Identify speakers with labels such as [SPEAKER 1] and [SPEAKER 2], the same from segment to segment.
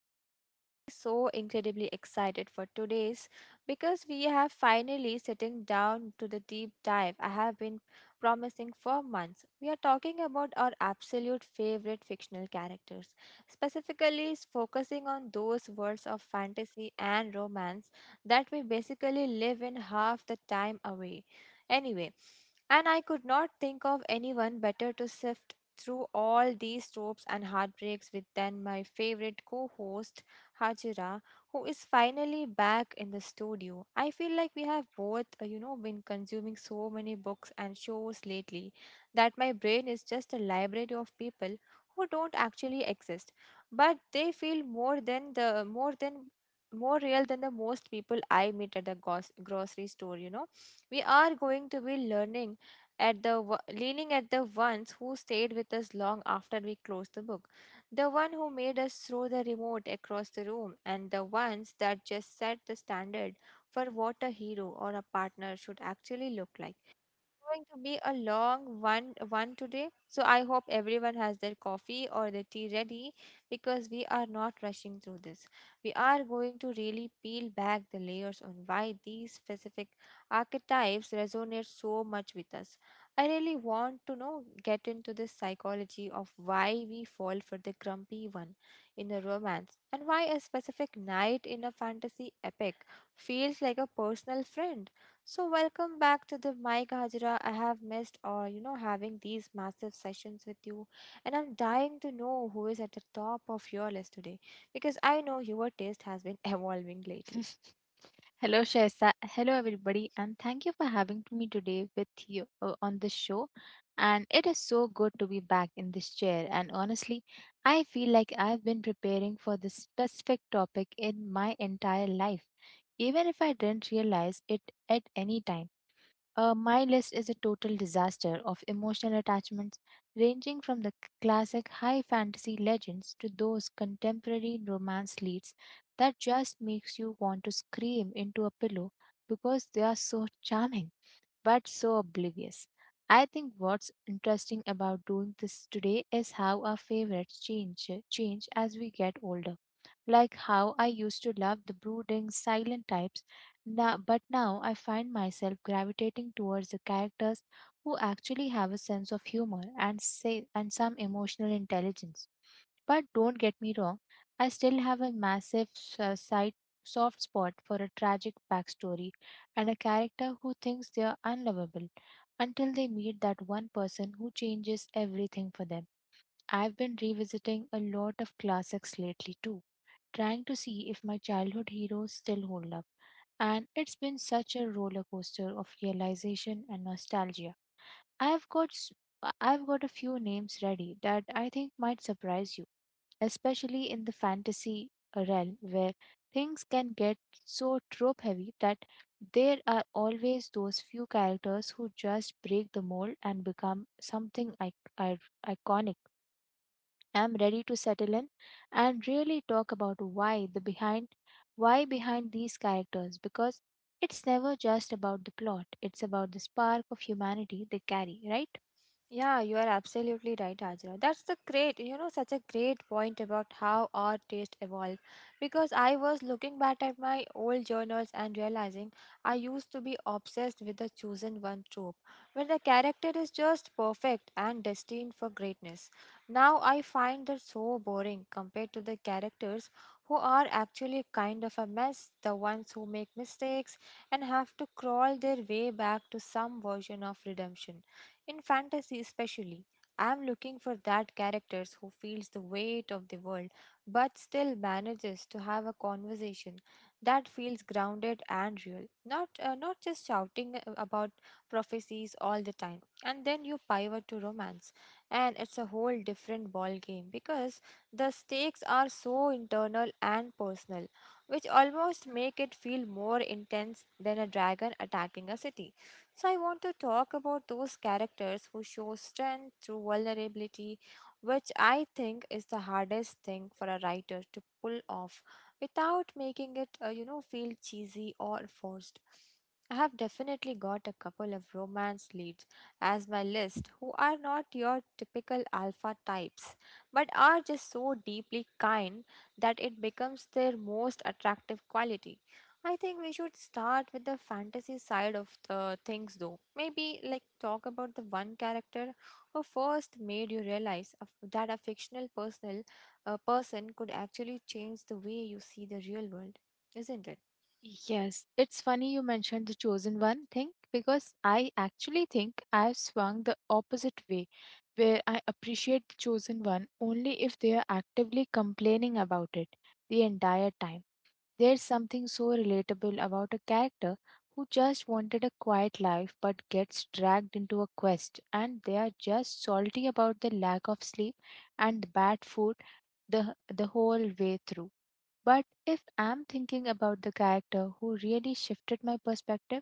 [SPEAKER 1] And I'm honestly so incredibly excited for today's, because we have finally sitting down to the deep dive I have been promising for months. We are talking about our absolute favorite fictional characters, specifically focusing on those worlds of fantasy and romance that we basically live in half the time away. Anyway, and I could not think of anyone better to sift through all these tropes and heartbreaks with then my favorite co-host Hajira, who is finally back in the studio. I feel like we have both been consuming so many books and shows lately that my brain is just a library of people who don't actually exist, but they feel more real than the most people I meet at the grocery store. We are going to be learning at the wo- leaning at the ones who stayed with us long after we closed the book, the one who made us throw the remote across the room, and the ones that just set the standard for what a hero or a partner should actually look like. Going to be a long one today. So I hope everyone has their coffee or their tea ready, because we are not rushing through this. We are going to really peel back the layers on why these specific archetypes resonate so much with us. I really want to know get into the psychology of why we fall for the grumpy one in a romance, and why a specific night in a fantasy epic feels like a personal friend. So welcome back to the mic, Hajra. I have missed, having these massive sessions with you, and I'm dying to know who is at the top of your list today, because I know your taste has been evolving lately.
[SPEAKER 2] Hello, Shaisa. Hello, everybody, and thank you for having me today with you on the show. And it is so good to be back in this chair. And honestly, I feel like I've been preparing for this specific topic in my entire life, even if I didn't realize it at any time. My list is a total disaster of emotional attachments, ranging from the classic high fantasy legends to those contemporary romance leads that just makes you want to scream into a pillow because they are so charming but so oblivious. I think what's interesting about doing this today is how our favorites change as we get older, like how I used to love the brooding, silent types, but now I find myself gravitating towards the characters who actually have a sense of humor and some emotional intelligence. But don't get me wrong, I still have a massive side soft spot for a tragic backstory and a character who thinks they are unlovable until they meet that one person who changes everything for them. I've been revisiting a lot of classics lately too, trying to see if my childhood heroes still hold up. And it's been such a roller coaster of realization and nostalgia. I've got s- I've got a few names ready that I think might surprise you, especially in the fantasy realm where things can get so trope heavy that there are always those few characters who just break the mold and become something I- iconic. Am ready to settle in and really talk about why behind these characters, because it's never just about the plot, it's about the spark of humanity they carry, right?
[SPEAKER 1] Yeah, you are absolutely right, Ajra. That's the great, you know, such a great point about how our taste evolved. Because I was looking back at my old journals and realizing I used to be obsessed with the chosen one trope, where the character is just perfect and destined for greatness. Now I find that so boring compared to the characters who are actually kind of a mess, the ones who make mistakes and have to crawl their way back to some version of redemption. In fantasy, especially, I'm looking for that characters who feels the weight of the world but still manages to have a conversation that feels grounded and real. Not not just shouting about prophecies all the time. And then you pivot to romance, and it's a whole different ball game, because the stakes are so internal and personal, which almost make it feel more intense than a dragon attacking a city. So I want to talk about those characters who show strength through vulnerability, which I think is the hardest thing for a writer to pull off without making it feel cheesy or forced. I have definitely got a couple of romance leads as my list who are not your typical alpha types but are just so deeply kind that it becomes their most attractive quality. I think we should start with the fantasy side of the things though. Maybe like talk about the one character who first made you realize that a fictional person could actually change the way you see the real world, isn't it?
[SPEAKER 2] Yes, it's funny you mentioned the chosen one thing, because I actually think I've swung the opposite way, where I appreciate the chosen one only if they are actively complaining about it the entire time. There's something so relatable about a character who just wanted a quiet life but gets dragged into a quest, and they are just salty about the lack of sleep and the bad food the whole way through. But if I'm thinking about the character who really shifted my perspective,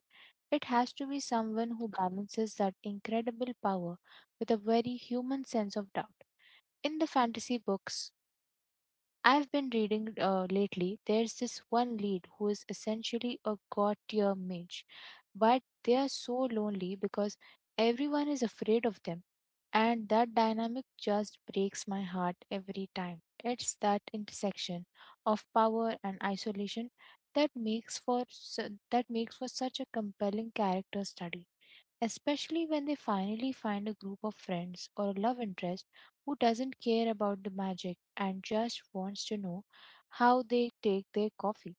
[SPEAKER 2] it has to be someone who balances that incredible power with a very human sense of doubt. In the fantasy books I've been reading lately, there's this one lead who is essentially a god tier mage, but they are so lonely because everyone is afraid of them. And that dynamic just breaks my heart every time. It's that intersection of power and isolation that makes for such a compelling character study, especially when they finally find a group of friends or a love interest who doesn't care about the magic and just wants to know how they take their coffee.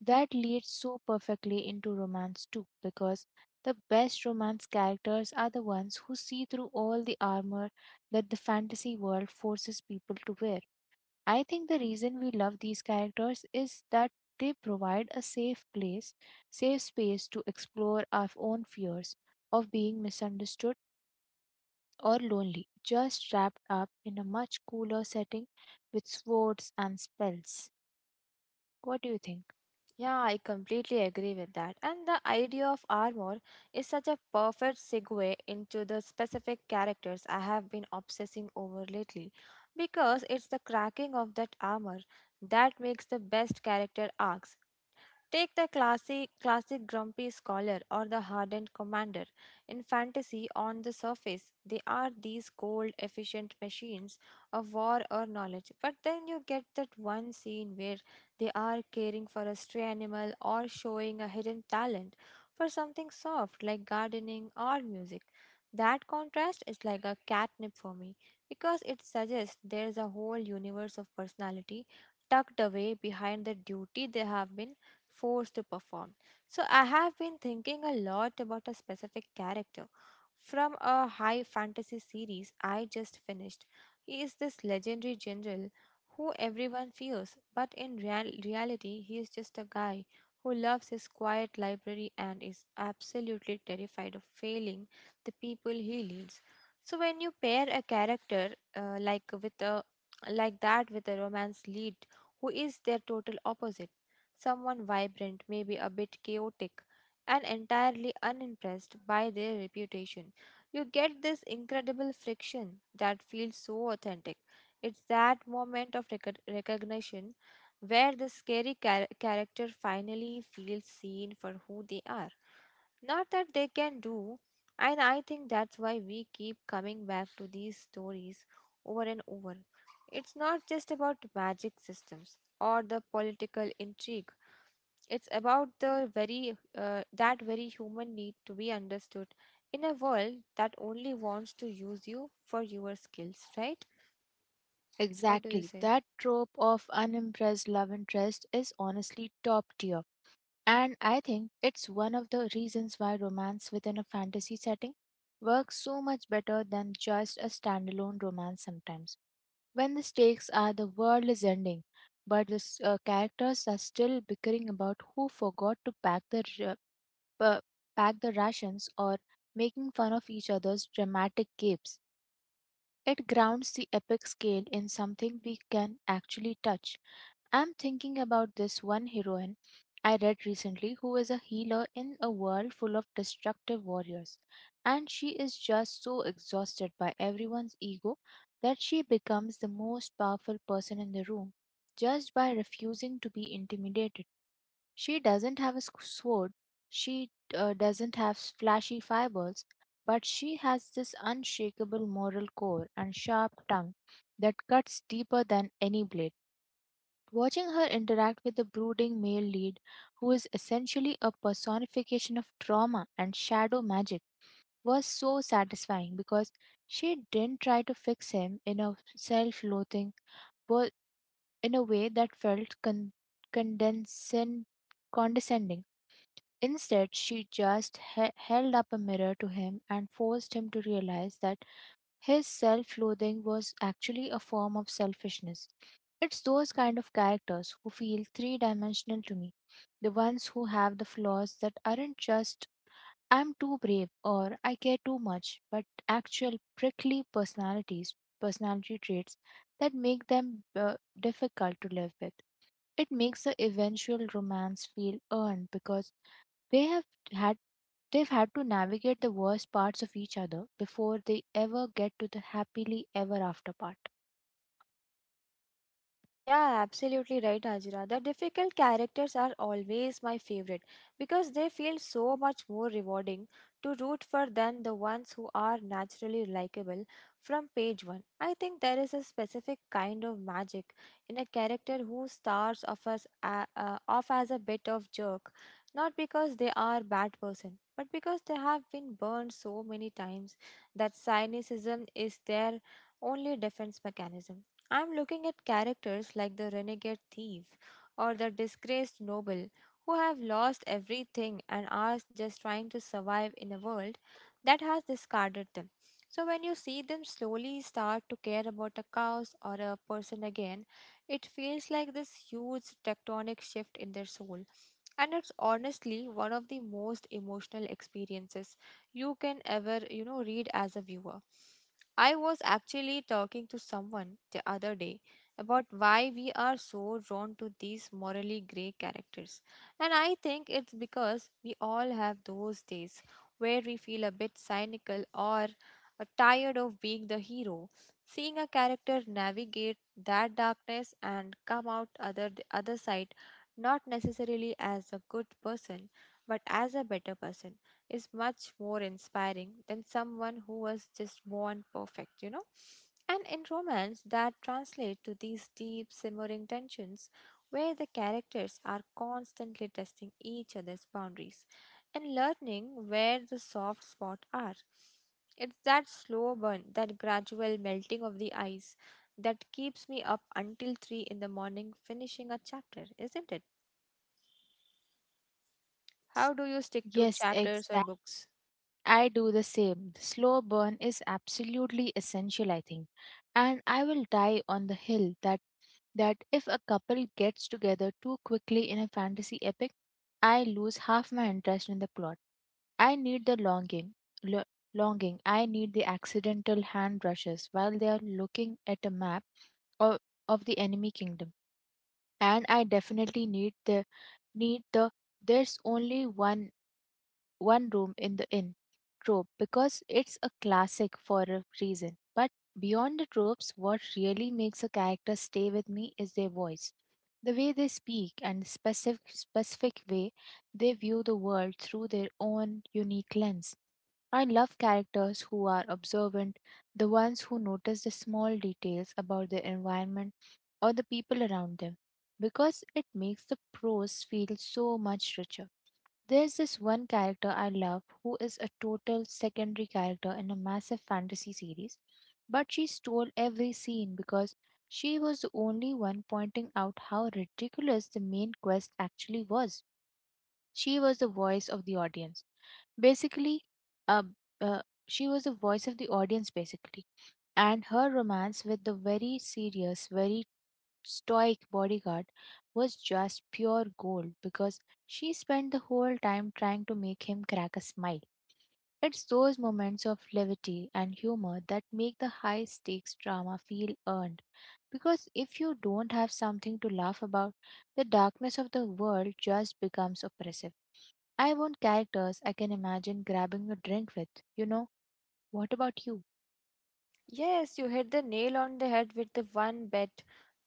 [SPEAKER 2] That leads so perfectly into romance too, because the best romance characters are the ones who see through all the armor that the fantasy world forces people to wear. I think the reason we love these characters is that they provide a safe space to explore our own fears of being misunderstood or lonely, just wrapped up in a much cooler setting with swords and spells. What do you think?
[SPEAKER 1] Yeah, I completely agree with that. And the idea of armor is such a perfect segue into the specific characters I have been obsessing over lately, because it's the cracking of that armor that makes the best character arcs. Take the classic grumpy scholar or the hardened commander. In fantasy, on the surface, they are these cold, efficient machines of war or knowledge. But then you get that one scene where they are caring for a stray animal or showing a hidden talent for something soft like gardening or music. That contrast is like a catnip for me, because it suggests there's a whole universe of personality tucked away behind the duty they have been forced to perform. So I have been thinking a lot about a specific character from a high fantasy series I just finished. He is this legendary general who everyone fears, but in reality, he is just a guy who loves his quiet library and is absolutely terrified of failing the people he leads. So when you pair a character like that with a romance lead who is their total opposite, someone vibrant, maybe a bit chaotic, and entirely unimpressed by their reputation. You get this incredible friction that feels so authentic. It's that moment of recognition where the scary character finally feels seen for who they are. Not that they can do, and I think that's why we keep coming back to these stories over and over. It's not just about magic systems or the political intrigue, it's about the very that very human need to be understood in a world that only wants to use you for your skills, right? What do you
[SPEAKER 2] Exactly.
[SPEAKER 1] say?
[SPEAKER 2] That trope of unimpressed love interest is honestly top tier. And I think it's one of the reasons why romance within a fantasy setting works so much better than just a standalone romance sometimes. When the stakes are the world is ending, but the characters are still bickering about who forgot to pack the r- uh, pack the rations or making fun of each other's dramatic capes. It grounds the epic scale in something we can actually touch. I'm thinking about this one heroine I read recently who is a healer in a world full of destructive warriors. And she is just so exhausted by everyone's ego that she becomes the most powerful person in the room just by refusing to be intimidated. She doesn't have a sword, she doesn't have flashy fireballs, but she has this unshakable moral core and sharp tongue that cuts deeper than any blade. Watching her interact with the brooding male lead, who is essentially a personification of trauma and shadow magic, was so satisfying because she didn't try to fix him wo- in a way that felt condescend- condescending. Instead, she just held up a mirror to him and forced him to realize that his self loathing was actually a form of selfishness. It's those kind of characters who feel three dimensional to me, the ones who have the flaws that aren't just I'm too brave or I care too much, but actual personality traits that make them difficult to live with. It makes the eventual romance feel earned because they have had they've had to navigate the worst parts of each other before they ever get to the happily ever after part.
[SPEAKER 1] Yeah, absolutely right, Ajira. The difficult characters are always my favorite, because they feel so much more rewarding to root for than the ones who are naturally likable from page one. I think there is a specific kind of magic in a character who starts off off as a bit of jerk, not because they are bad person, but because they have been burned so many times that cynicism is their only defense mechanism. I'm looking at characters like the renegade thief or the disgraced noble who have lost everything and are just trying to survive in a world that has discarded them. So, when you see them slowly start to care about a cause or a person again, it feels like this huge tectonic shift in their soul. And it's honestly one of the most emotional experiences you can ever read as a viewer. I was actually talking to someone the other day about why we are so drawn to these morally gray characters. And I think it's because we all have those days where we feel a bit cynical or tired of being the hero. Seeing a character navigate that darkness and come out other the other side, not necessarily as a good person but as a better person, is much more inspiring than someone who was just born perfect, you know? And in romance, that translates to these deep, simmering tensions where the characters are constantly testing each other's boundaries and learning where the soft spots are. It's that slow burn, that gradual melting of the ice that keeps me up until 3 in the morning finishing a chapter, isn't it?
[SPEAKER 2] Yes,
[SPEAKER 1] How do you stick to
[SPEAKER 2] yes,
[SPEAKER 1] chapters or
[SPEAKER 2] exact.
[SPEAKER 1] books?
[SPEAKER 2] I do the same. The slow burn is absolutely essential, I think. And I will die on the hill that if a couple gets together too quickly in a fantasy epic, I lose half my interest in the plot. I need the longing, lo- longing. I need the accidental hand brushes while they are looking at a map of, of the enemy kingdom. And I definitely need the there's only one room in the inn trope, because it's a classic for a reason. But beyond the tropes, what really makes a character stay with me is their voice. The way they speak and the specific way they view the world through their own unique lens. I love characters who are observant, the ones who notice the small details about their environment or the people around them, because it makes the prose feel so much richer. There's this one character I love who is a total secondary character in a massive fantasy series, but she stole every scene because she was the only one pointing out how ridiculous the main quest actually was. She was the voice of the audience Basically, uh, she was the voice of the audience, basically. And her romance with the very serious, very stoic bodyguard was just pure gold because she spent the whole time trying to make him crack a smile. It's those moments of levity and humor that make the high stakes drama feel earned. Because if you don't have something to laugh about, the darkness of the world just becomes oppressive. I want characters I can imagine grabbing a drink with. You know, what about you?
[SPEAKER 1] Yes, you hit the nail on the head with the one bet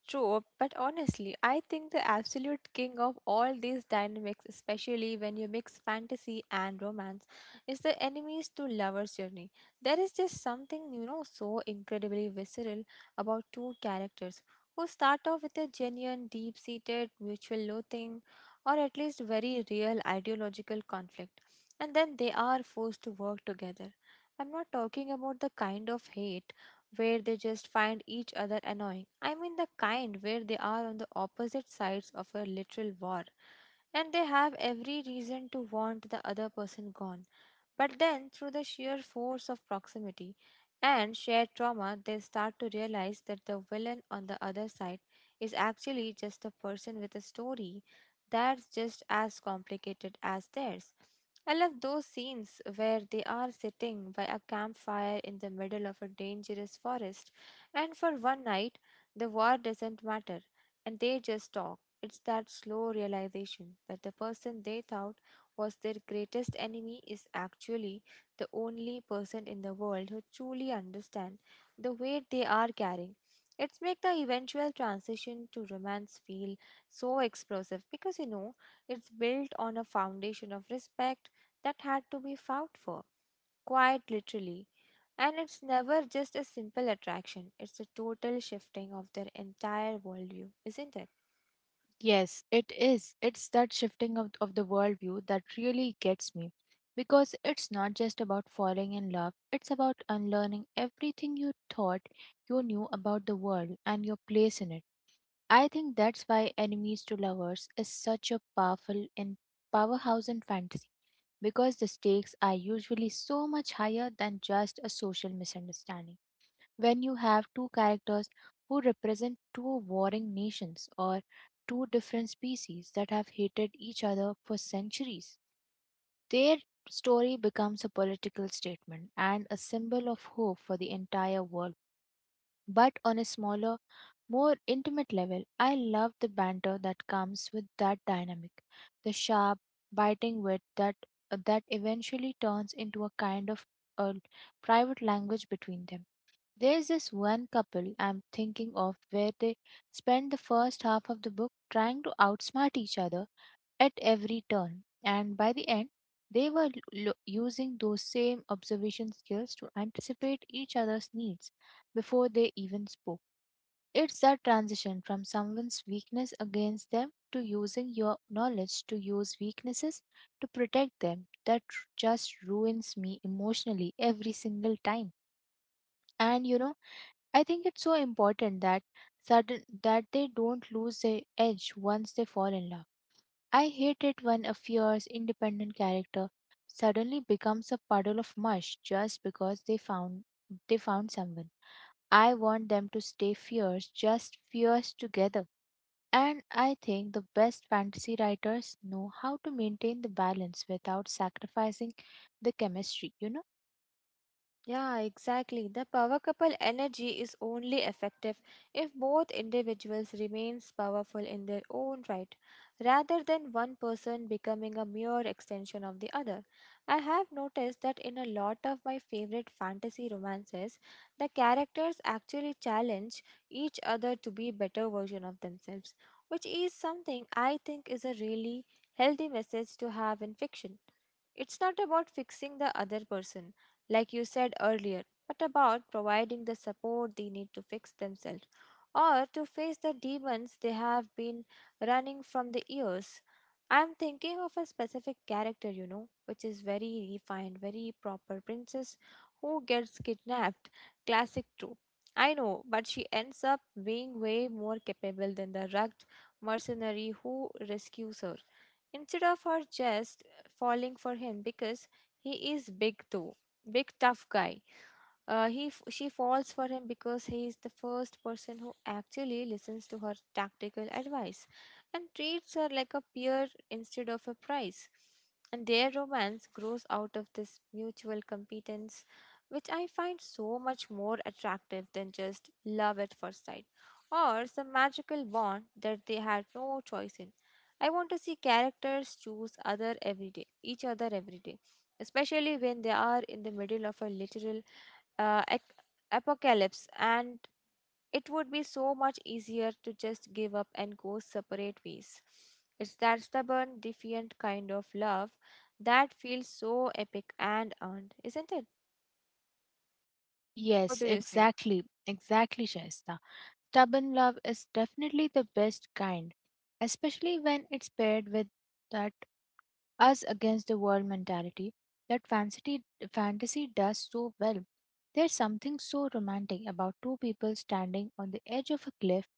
[SPEAKER 1] trope, but honestly, I think the absolute king of all these dynamics, especially when you mix fantasy and romance, is the enemies to lovers journey. There is just something, so incredibly visceral about two characters who start off with a genuine, deep seated, mutual loathing, or at least very real ideological conflict, and then they are forced to work together. I'm not talking about the kind of hate where they just find each other annoying. I mean, the kind where they are on the opposite sides of a literal war and they have every reason to want the other person gone. But then, through the sheer force of proximity and shared trauma, they start to realize that the villain on the other side is actually just a person with a story that's just as complicated as theirs. I love those scenes where they are sitting by a campfire in the middle of a dangerous forest, and for one night, the war doesn't matter, and they just talk. It's that slow realization that the person they thought was their greatest enemy is actually the only person in the world who truly understands the weight they are carrying. It's make the eventual transition to romance feel so explosive, because it's built on a foundation of respect that had to be fought for, quite literally. And it's never just a simple attraction, it's a total shifting of their entire worldview, isn't it?
[SPEAKER 2] Yes, it is. It's that shifting of the worldview that really gets me. Because it's not just about falling in love, it's about unlearning everything you thought you knew about the world and your place in it. I think that's why Enemies to Lovers is such a powerful and powerhouse in fantasy, because the stakes are usually so much higher than just a social misunderstanding. When you have two characters who represent two warring nations or two different species that have hated each other for centuries. Their story becomes a political statement and a symbol of hope for the entire world. But on a smaller, more intimate level, I love the banter that comes with that dynamic, the sharp, biting wit that eventually turns into a kind of a private language between them. There's this one couple I'm thinking of where they spend the first half of the book trying to outsmart each other at every turn, and by the end, they were using those same observation skills to anticipate each other's needs before they even spoke. It's that transition from someone's weakness against them to using your knowledge to use weaknesses to protect them that just ruins me emotionally every single time. And you know, I think it's so important that they don't lose their edge once they fall in love. I hate it when a fierce, independent character suddenly becomes a puddle of mush just because they found someone. I want them to stay fierce, just fierce together. And I think the best fantasy writers know how to maintain the balance without sacrificing the chemistry, you know?
[SPEAKER 1] Yeah, exactly. The power couple energy is only effective if both individuals remains powerful in their own right, rather than one person becoming a mere extension of the other. I have noticed that in a lot of my favorite fantasy romances, the characters actually challenge each other to be better version of themselves, which is something I think is a really healthy message to have in fiction. It's not about fixing the other person, like you said earlier, but about providing the support they need to fix themselves or to face the demons they have been running from the years. I'm thinking of a specific character, you know, which is very refined, very proper princess who gets kidnapped. Classic trope. I know, but she ends up being way more capable than the rugged mercenary who rescues her. Instead of her just falling for him because he is big, though, big tough guy. She falls for him because he is the first person who actually listens to her tactical advice and treats her like a peer instead of a prize. And their romance grows out of this mutual competence, which I find so much more attractive than just love at first sight or some magical wand that they had no choice in. I want to see characters choose other every day, each other every day, especially when they are in the middle of a literal uh, ac- apocalypse, and it would be so much easier to just give up and go separate ways. It's that stubborn, defiant kind of love that feels so epic and earned, isn't it? What
[SPEAKER 2] Yes,
[SPEAKER 1] do you say?
[SPEAKER 2] exactly. Exactly, Shasta. Stubborn love is definitely the best kind, especially when it's paired with that us against the world mentality that fantasy does so well. There's something so romantic about two people standing on the edge of a cliff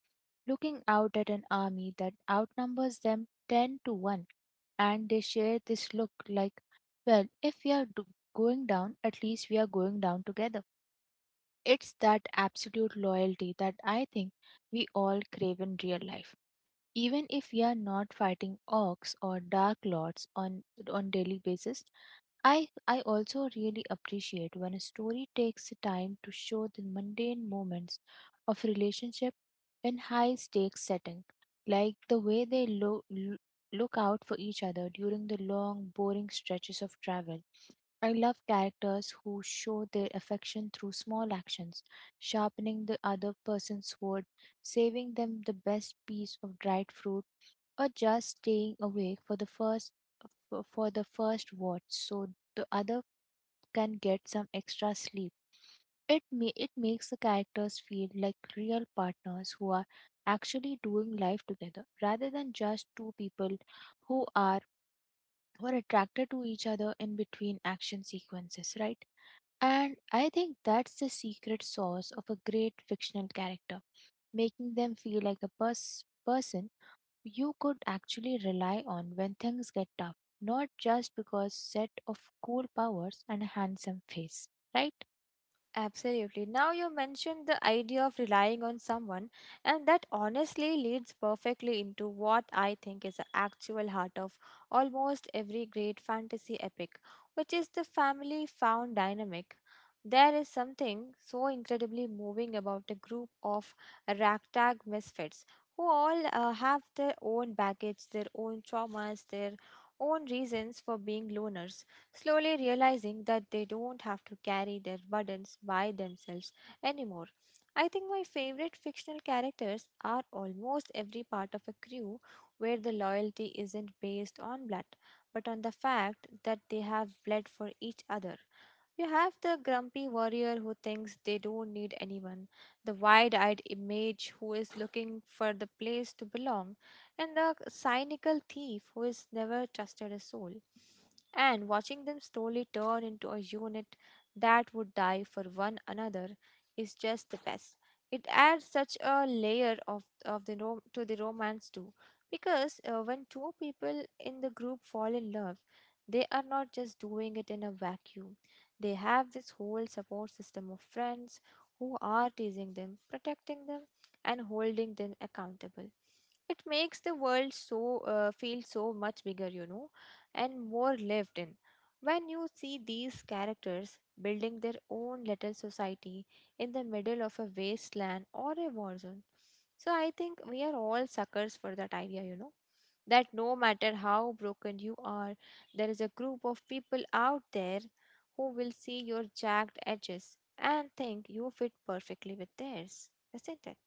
[SPEAKER 2] looking out at an army that outnumbers them 10 to 1, and they share this look like, well, if we are do- going down, at least we are going down together. It's that absolute loyalty that I think we all crave in real life. Even if we are not fighting orcs or dark lords on daily basis, I also really appreciate when a story takes the time to show the mundane moments of relationship in high stakes setting, like the way they look out for each other during the long boring stretches of travel. I love characters who show their affection through small actions, sharpening the other person's sword, saving them the best piece of dried fruit, or just staying awake for the first watch so the other can get some extra sleep. It makes the characters feel like real partners who are actually doing life together rather than just two people who are who are attracted to each other in between action sequences, right? And I think that's the secret sauce of a great fictional character, making them feel like a person you could actually rely on when things get tough, not just because set of cool powers and a handsome face, right?
[SPEAKER 1] Absolutely. Now you mentioned the idea of relying on someone, and that honestly leads perfectly into what I think is the actual heart of almost every great fantasy epic, which is the family found dynamic. There is something so incredibly moving about a group of ragtag misfits who all have their own baggage, their own traumas, their own reasons for being loners slowly realizing that they don't have to carry their burdens by themselves anymore. I think my favorite fictional characters are almost every part of a crew where the loyalty isn't based on blood, but on the fact that they have bled for each other. You have the grumpy warrior who thinks they don't need anyone, the wide eyed mage who is looking for the place to belong, and the cynical thief who has never trusted a soul and watching them slowly turn into a unit that would die for one another is just the best. It adds such a layer of to the romance too, because when two people in the group fall in love, they are not just doing it in a vacuum. They have this whole support system of friends who are teasing them, protecting them, and holding them accountable. It makes the world so feel so much bigger, you know, and more lived in, when you see these characters building their own little society in the middle of a wasteland or a war zone. So I think we are all suckers for that idea, you know, that no matter how broken you are, there is a group of people out there who will see your jagged edges and think you fit perfectly with theirs, isn't it?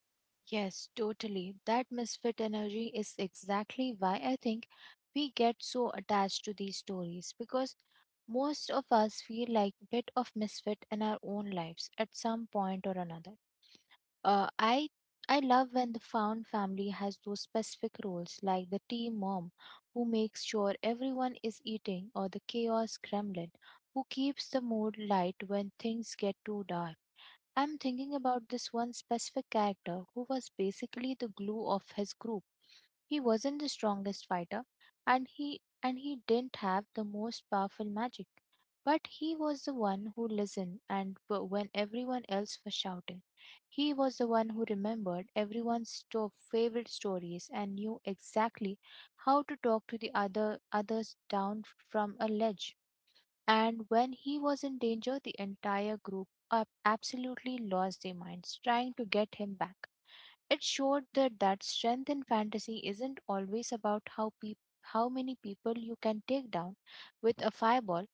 [SPEAKER 2] Yes, totally. That misfit energy is exactly why I think we get so attached to these stories, because most of us feel like a bit of misfit in our own lives at some point or another. Uh, I I love when the found family has those specific roles, like the tea mom who makes sure everyone is eating, or the chaos gremlin who keeps the mood light when things get too dark. I'm thinking about this one specific character who was basically the glue of his group. He wasn't the strongest fighter, and he didn't have the most powerful magic, but he was the one who listened and when everyone else was shouting. He was the one who remembered everyone's favorite stories and knew exactly how to talk to the others down from a ledge. And when he was in danger, the entire group absolutely lost their minds trying to get him back. It showed that, that strength in fantasy isn't always about how many people you can take down with a fireball.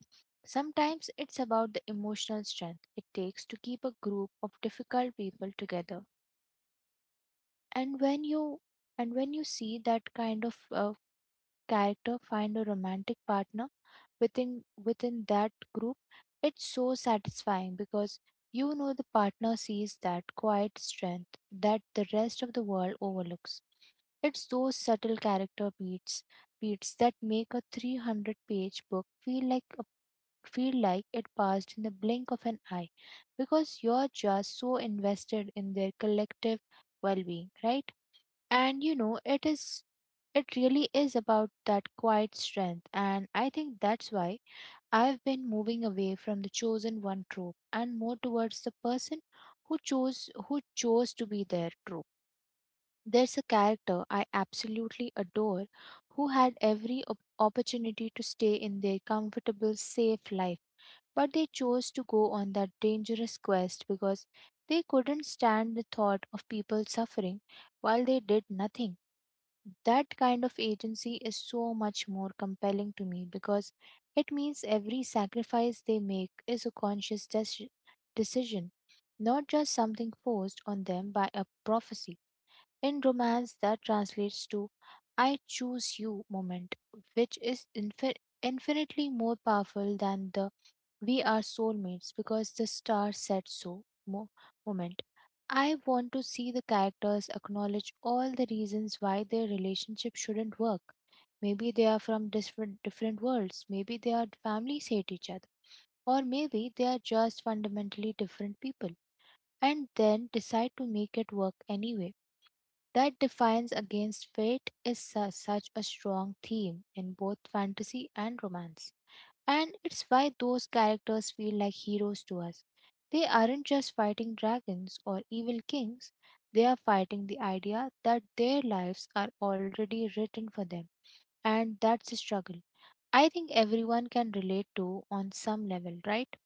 [SPEAKER 2] Sometimes it's about the emotional strength it takes to keep a group of difficult people together. And when you and when you see that kind of character find a romantic partner within that group, it's so satisfying because you know the partner sees that quiet strength that the rest of the world overlooks. It's those subtle character beats that make a 300-page book feel like it passed in the blink of an eye, because you're just so invested in their collective well-being, right? And you know, it really is about that quiet strength, and I think that's why I've been moving away from the chosen one trope and more towards the person who chose to be their trope. There's a character I absolutely adore who had every opportunity to stay in their comfortable, safe life, but they chose to go on that dangerous quest because they couldn't stand the thought of people suffering while they did nothing. That kind of agency is so much more compelling to me, because it means every sacrifice they make is a conscious decision, not just something forced on them by a prophecy. In romance, that translates to I choose you moment, which is infinitely more powerful than the we are soulmates because the star said so moment. I want to see the characters acknowledge all the reasons why their relationship shouldn't work. Maybe they are from different worlds, maybe their families hate each other, or maybe they are just fundamentally different people, and then decide to make it work anyway. That defiance against fate is such a strong theme in both fantasy and romance. And it's why those characters feel like heroes to us. They aren't just fighting dragons or evil kings, they are fighting the idea that their lives are already written for them. And that's a struggle I think everyone can relate to on some level, right?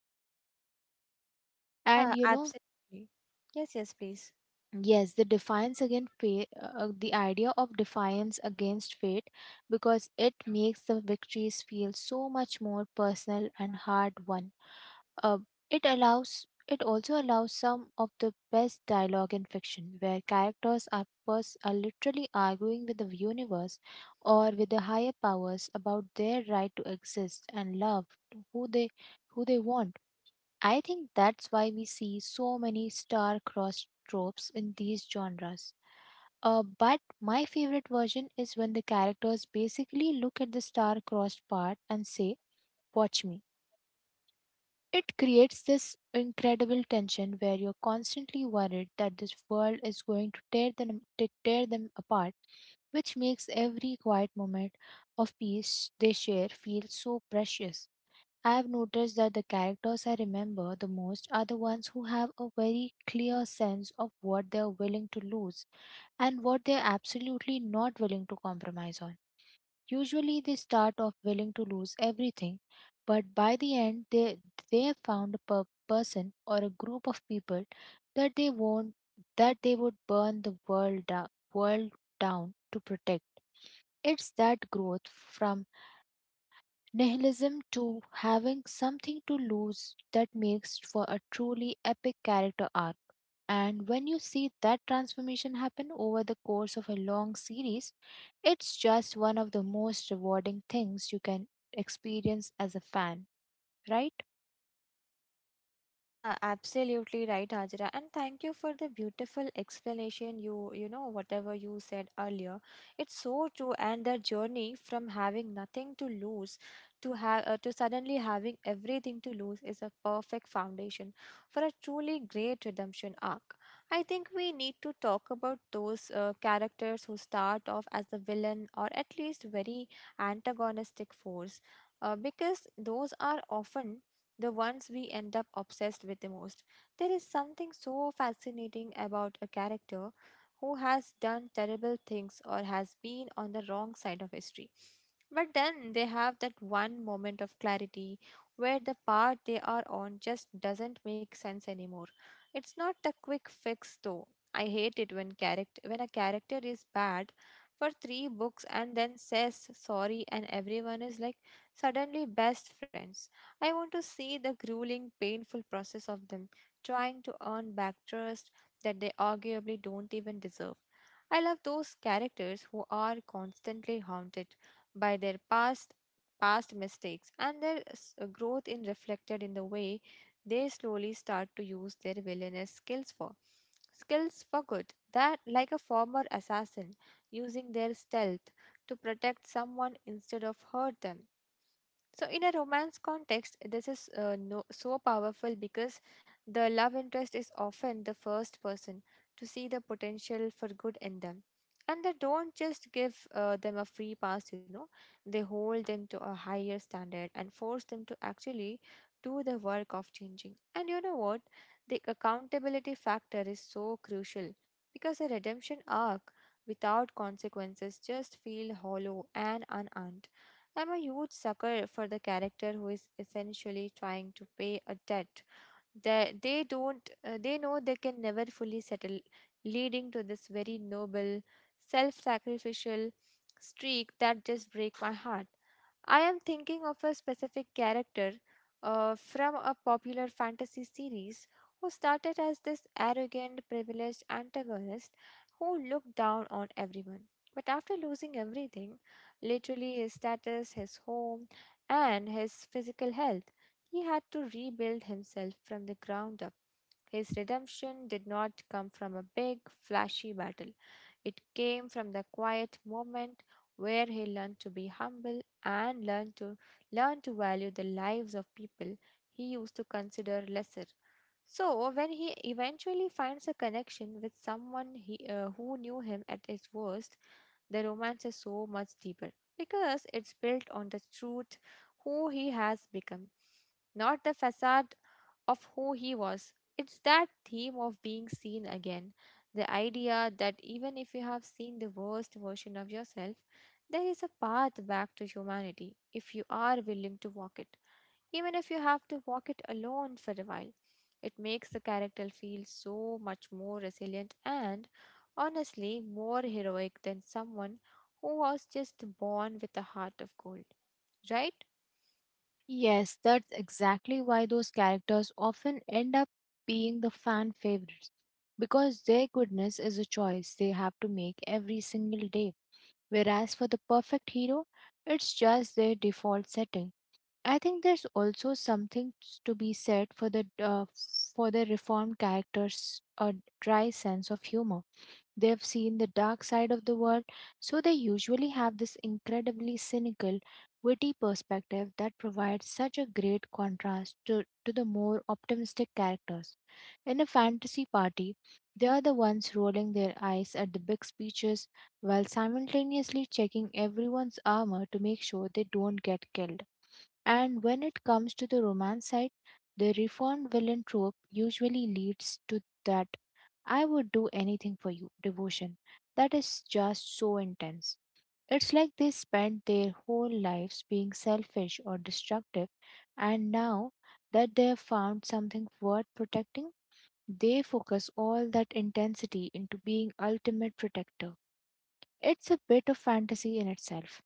[SPEAKER 2] And
[SPEAKER 1] Yeah,
[SPEAKER 2] you know,
[SPEAKER 1] absolutely. Yes, yes, please.
[SPEAKER 2] yes, the defiance against fate, the idea of defiance against fate, because it makes the victories feel so much more personal and hard won. Uh, it also allows some of the best dialogue in fiction, where characters are are literally arguing with the universe or with the higher powers about their right to exist and love who they who they want. I think that's why we see so many star-crossed tropes in these genres. But my favorite version is when the characters basically look at the star-crossed part and say, watch me. It creates this incredible tension where you're constantly worried that this world is going to to tear them apart, which makes every quiet moment of peace they share feel so precious. I've noticed that the characters I remember the most are the ones who have a very clear sense of what they're willing to lose and what they're absolutely not willing to compromise on. Usually, they start off willing to lose everything, but by the end, they have found a person or a group of people that they won't, that they would burn the world down to protect. It's that growth from nihilism to having something to lose that makes for a truly epic character arc. And when you see that transformation happen over the course of a long series, it's just one of the most rewarding things you can experience as a fan, right?
[SPEAKER 1] Yeah, absolutely right, Ajra. And thank you for the beautiful explanation, you know, whatever you said earlier. It's so true. And the journey from having nothing to lose to suddenly having everything to lose is a perfect foundation for a truly great redemption arc. I think we need to talk about those characters who start off as the villain or at least very antagonistic force. Because those are often the ones we end up obsessed with the most. There is something so fascinating about a character who has done terrible things or has been on the wrong side of history. But then they have that one moment of clarity where the path they are on just doesn't make sense anymore. It's not a quick fix though. I hate it when character when a character is bad for 3 books and then says sorry and everyone is like suddenly best friends. I want to see the grueling, painful process of them trying to earn back trust that they arguably don't even deserve. I love those characters who are constantly haunted by their past mistakes and their growth in reflected in the way they slowly start to use their villainous skills for good. That, like a former assassin using their stealth to protect someone instead of hurt them. So, in a romance context, this is no, so powerful because the love interest is often the first person to see the potential for good in them. And they don't just give them a free pass, you know, they hold them to a higher standard and force them to actually do the work of changing. And you know what? The accountability factor is so crucial because a redemption arc without consequences just feel hollow and unearned. I'm a huge sucker for the character who is essentially trying to pay a debt they know they can never fully settle, leading to this very noble, self-sacrificial streak that just break my heart. I am thinking of a specific character from a popular fantasy series who started as this arrogant, privileged antagonist who looked down on everyone. But after losing everything, literally his status, his home, and his physical health, he had to rebuild himself from the ground up. His redemption did not come from a big, flashy battle. It came from the quiet moment where he learned to be humble and learned to value the lives of people he used to consider lesser. So, when he eventually finds a connection with someone who knew him at his worst, the romance is so much deeper because it's built on the truth who he has become, not the facade of who he was. It's that theme of being seen again. The idea that even if you have seen the worst version of yourself, there is a path back to humanity if you are willing to walk it, even if you have to walk it alone for a while. It makes the character feel so much more resilient and, honestly, more heroic than someone who was just born with a heart of gold. Right?
[SPEAKER 2] Yes, that's exactly why those characters often end up being the fan favorites, because their goodness is a choice they have to make every single day. Whereas for the perfect hero, it's just their default setting. I think there's also something to be said for the reformed characters a dry sense of humor. They've seen the dark side of the world, so they usually have this incredibly cynical, witty perspective that provides such a great contrast to the more optimistic characters. In a fantasy party, they are the ones rolling their eyes at the big speeches while simultaneously checking everyone's armor to make sure they don't get killed. And when it comes to the romance side, the reformed villain trope usually leads to that I would do anything for you devotion. That is just so intense. It's like they spent their whole lives being selfish or destructive, and now that they have found something worth protecting, they focus all that intensity into being ultimate protector. It's a bit of fantasy in itself,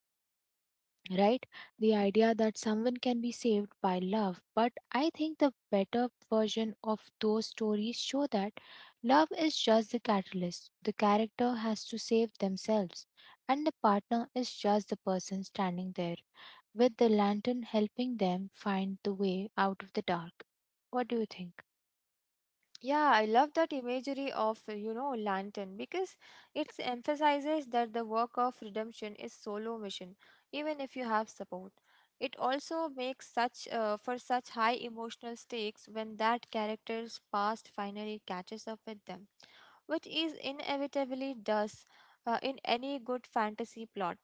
[SPEAKER 2] right? The idea that someone can be saved by love. But I think the better version of those stories show that love is just the catalyst. The character has to save themselves, and the partner is just the person standing there with the lantern helping them find the way out of the dark. What do you think?
[SPEAKER 1] Yeah, I love that imagery of, you know, lantern because it emphasizes that the work of redemption is solo mission, even if you have support. It also makes such for such high emotional stakes when that character's past finally catches up with them, which is inevitably does, in any good fantasy plot.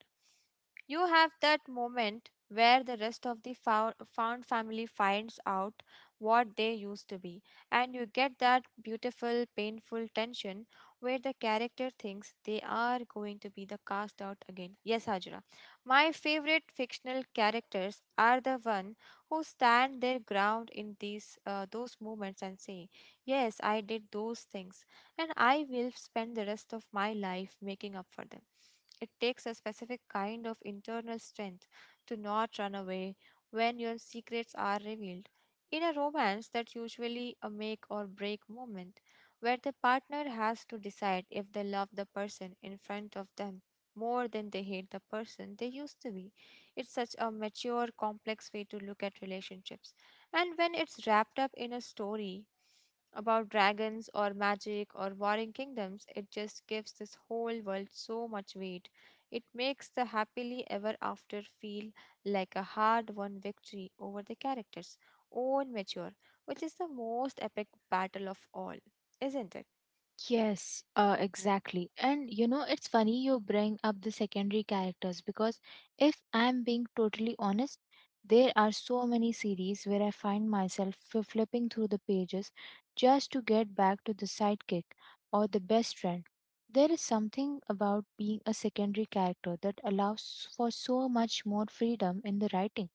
[SPEAKER 1] You have that moment where the rest of the found family finds out what they used to be and you get that beautiful, painful tension where the character thinks they are going to be the cast out again. Yes, Hajra. My favorite fictional characters are the one who stand their ground in these those moments and say, "Yes, I did those things, and I will spend the rest of my life making up for them." It takes a specific kind of internal strength to not run away when your secrets are revealed. In a romance, that's usually a make or break moment where the partner has to decide if they love the person in front of them more than they hate the person they used to be. It's such a mature, complex way to look at relationships. And when it's wrapped up in a story about dragons or magic or warring kingdoms, it just gives this whole world so much weight. It makes the happily ever after feel like a hard won victory over the character's own mature, which is the most epic battle of all, isn't it?
[SPEAKER 2] Yes, exactly. And you know, it's funny you bring up the secondary characters, because if I'm being totally honest, there are so many series where I find myself flipping through the pages just to get back to the sidekick or the best friend. There is something about being a secondary character that allows for so much more freedom in the writing.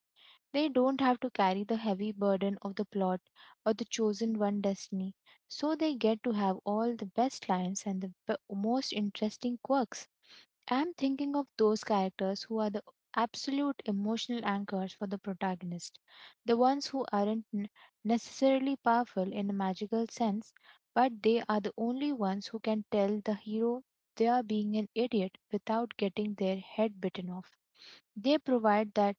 [SPEAKER 2] They don't have to carry the heavy burden of the plot or the chosen one destiny, so they get to have all the best lines and the most interesting quirks. I'm thinking of those characters who are the absolute emotional anchors for the protagonist, the ones who aren't necessarily powerful in a magical sense, but they are the only ones who can tell the hero they are being an idiot without getting their head bitten off. They provide that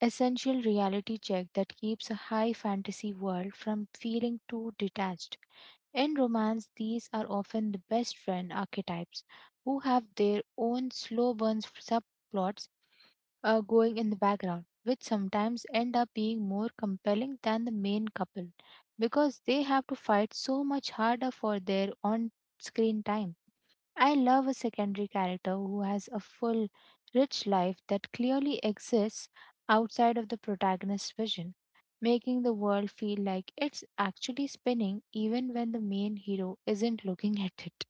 [SPEAKER 2] essential reality check that keeps a high fantasy world from feeling too detached. In romance, these are often the best friend archetypes who have their own slow burn subplots going in the background, which sometimes end up being more compelling than the main couple, because they have to fight so much harder for their on screen time. I love a secondary character who has a full, rich life that clearly exists outside of the protagonist's vision, making the world feel like it's actually spinning even when the main hero isn't looking at it.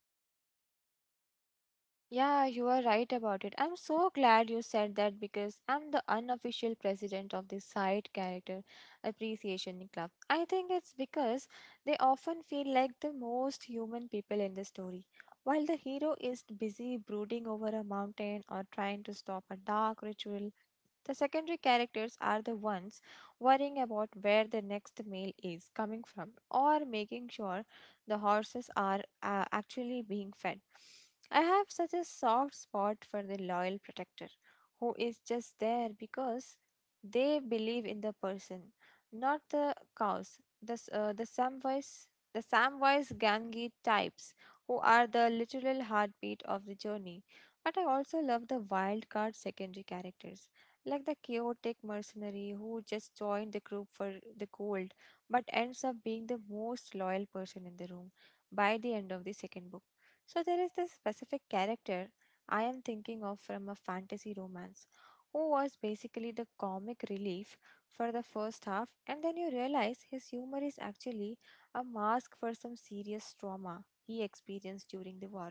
[SPEAKER 1] Yeah, you are right about it. I'm so glad you said that because I'm the unofficial president of the Side Character Appreciation Club. I think it's because they often feel like the most human people in the story. While the hero is busy brooding over a mountain or trying to stop a dark ritual, the secondary characters are the ones worrying about where the next meal is coming from or making sure the horses are actually being fed. I have such a soft spot for the loyal protector who is just there because they believe in the person, not the cows. The Samwise Gangi types who are the literal heartbeat of the journey. But I also love the wild card secondary characters like the chaotic mercenary who just joined the group for the gold but ends up being the most loyal person in the room by the end of the second book. So, there is this specific character I am thinking of from a fantasy romance who was basically the comic relief for the first half, and then you realize his humor is actually a mask for some serious trauma he experienced during the war,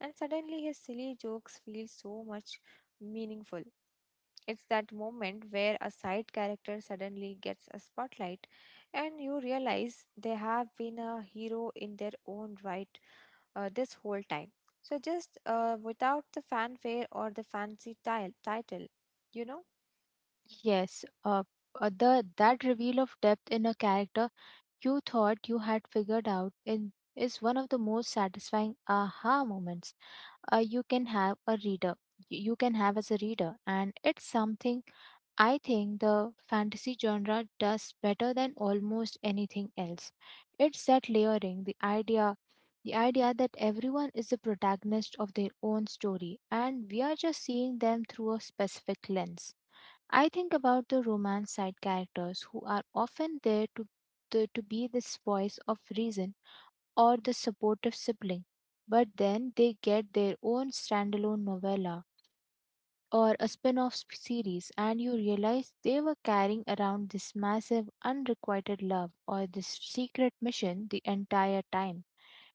[SPEAKER 1] and suddenly his silly jokes feel so much meaningful. It's that moment where a side character suddenly gets a spotlight and you realize they have been a hero in their own right this whole time. So, just without the fanfare or the fancy tile title, you know?
[SPEAKER 2] Yes, the that reveal of depth in a character you thought you had figured out in is one of the most satisfying aha moments uh, you can have a reader you can have as a reader, and it's something I think the fantasy genre does better than almost anything else. It's that layering, the idea that everyone is the protagonist of their own story and we are just seeing them through a specific lens. I think about the romance side characters who are often there to to be this voice of reason or the supportive sibling, but then they get their own standalone novella or a spin off series, and you realize they were carrying around this massive unrequited love or this secret mission the entire time.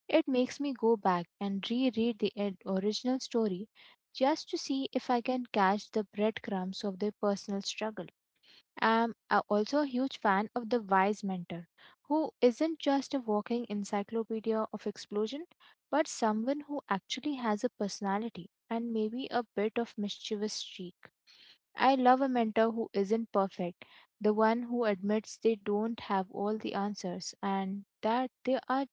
[SPEAKER 2] It makes me go back and reread the original story just to see if I can catch the breadcrumbs of their personal struggle. I'm also a huge fan of the wise mentor, who isn't just a walking encyclopedia of explosion, but someone who actually has a personality and maybe a bit of mischievous streak. I love a mentor who isn't perfect, the one who admits they don't have all the answers and that they are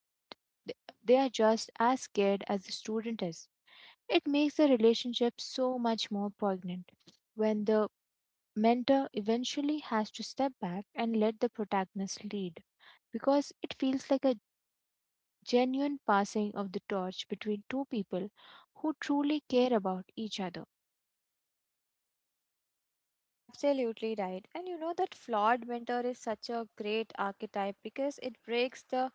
[SPEAKER 2] they are just as scared as the student is. It makes the relationship so much more poignant when the mentor eventually has to step back and let the protagonist lead, because it feels like a genuine passing of the torch between two people who truly care about each other.
[SPEAKER 1] Absolutely right. And you know that flawed mentor is such a great archetype because it breaks the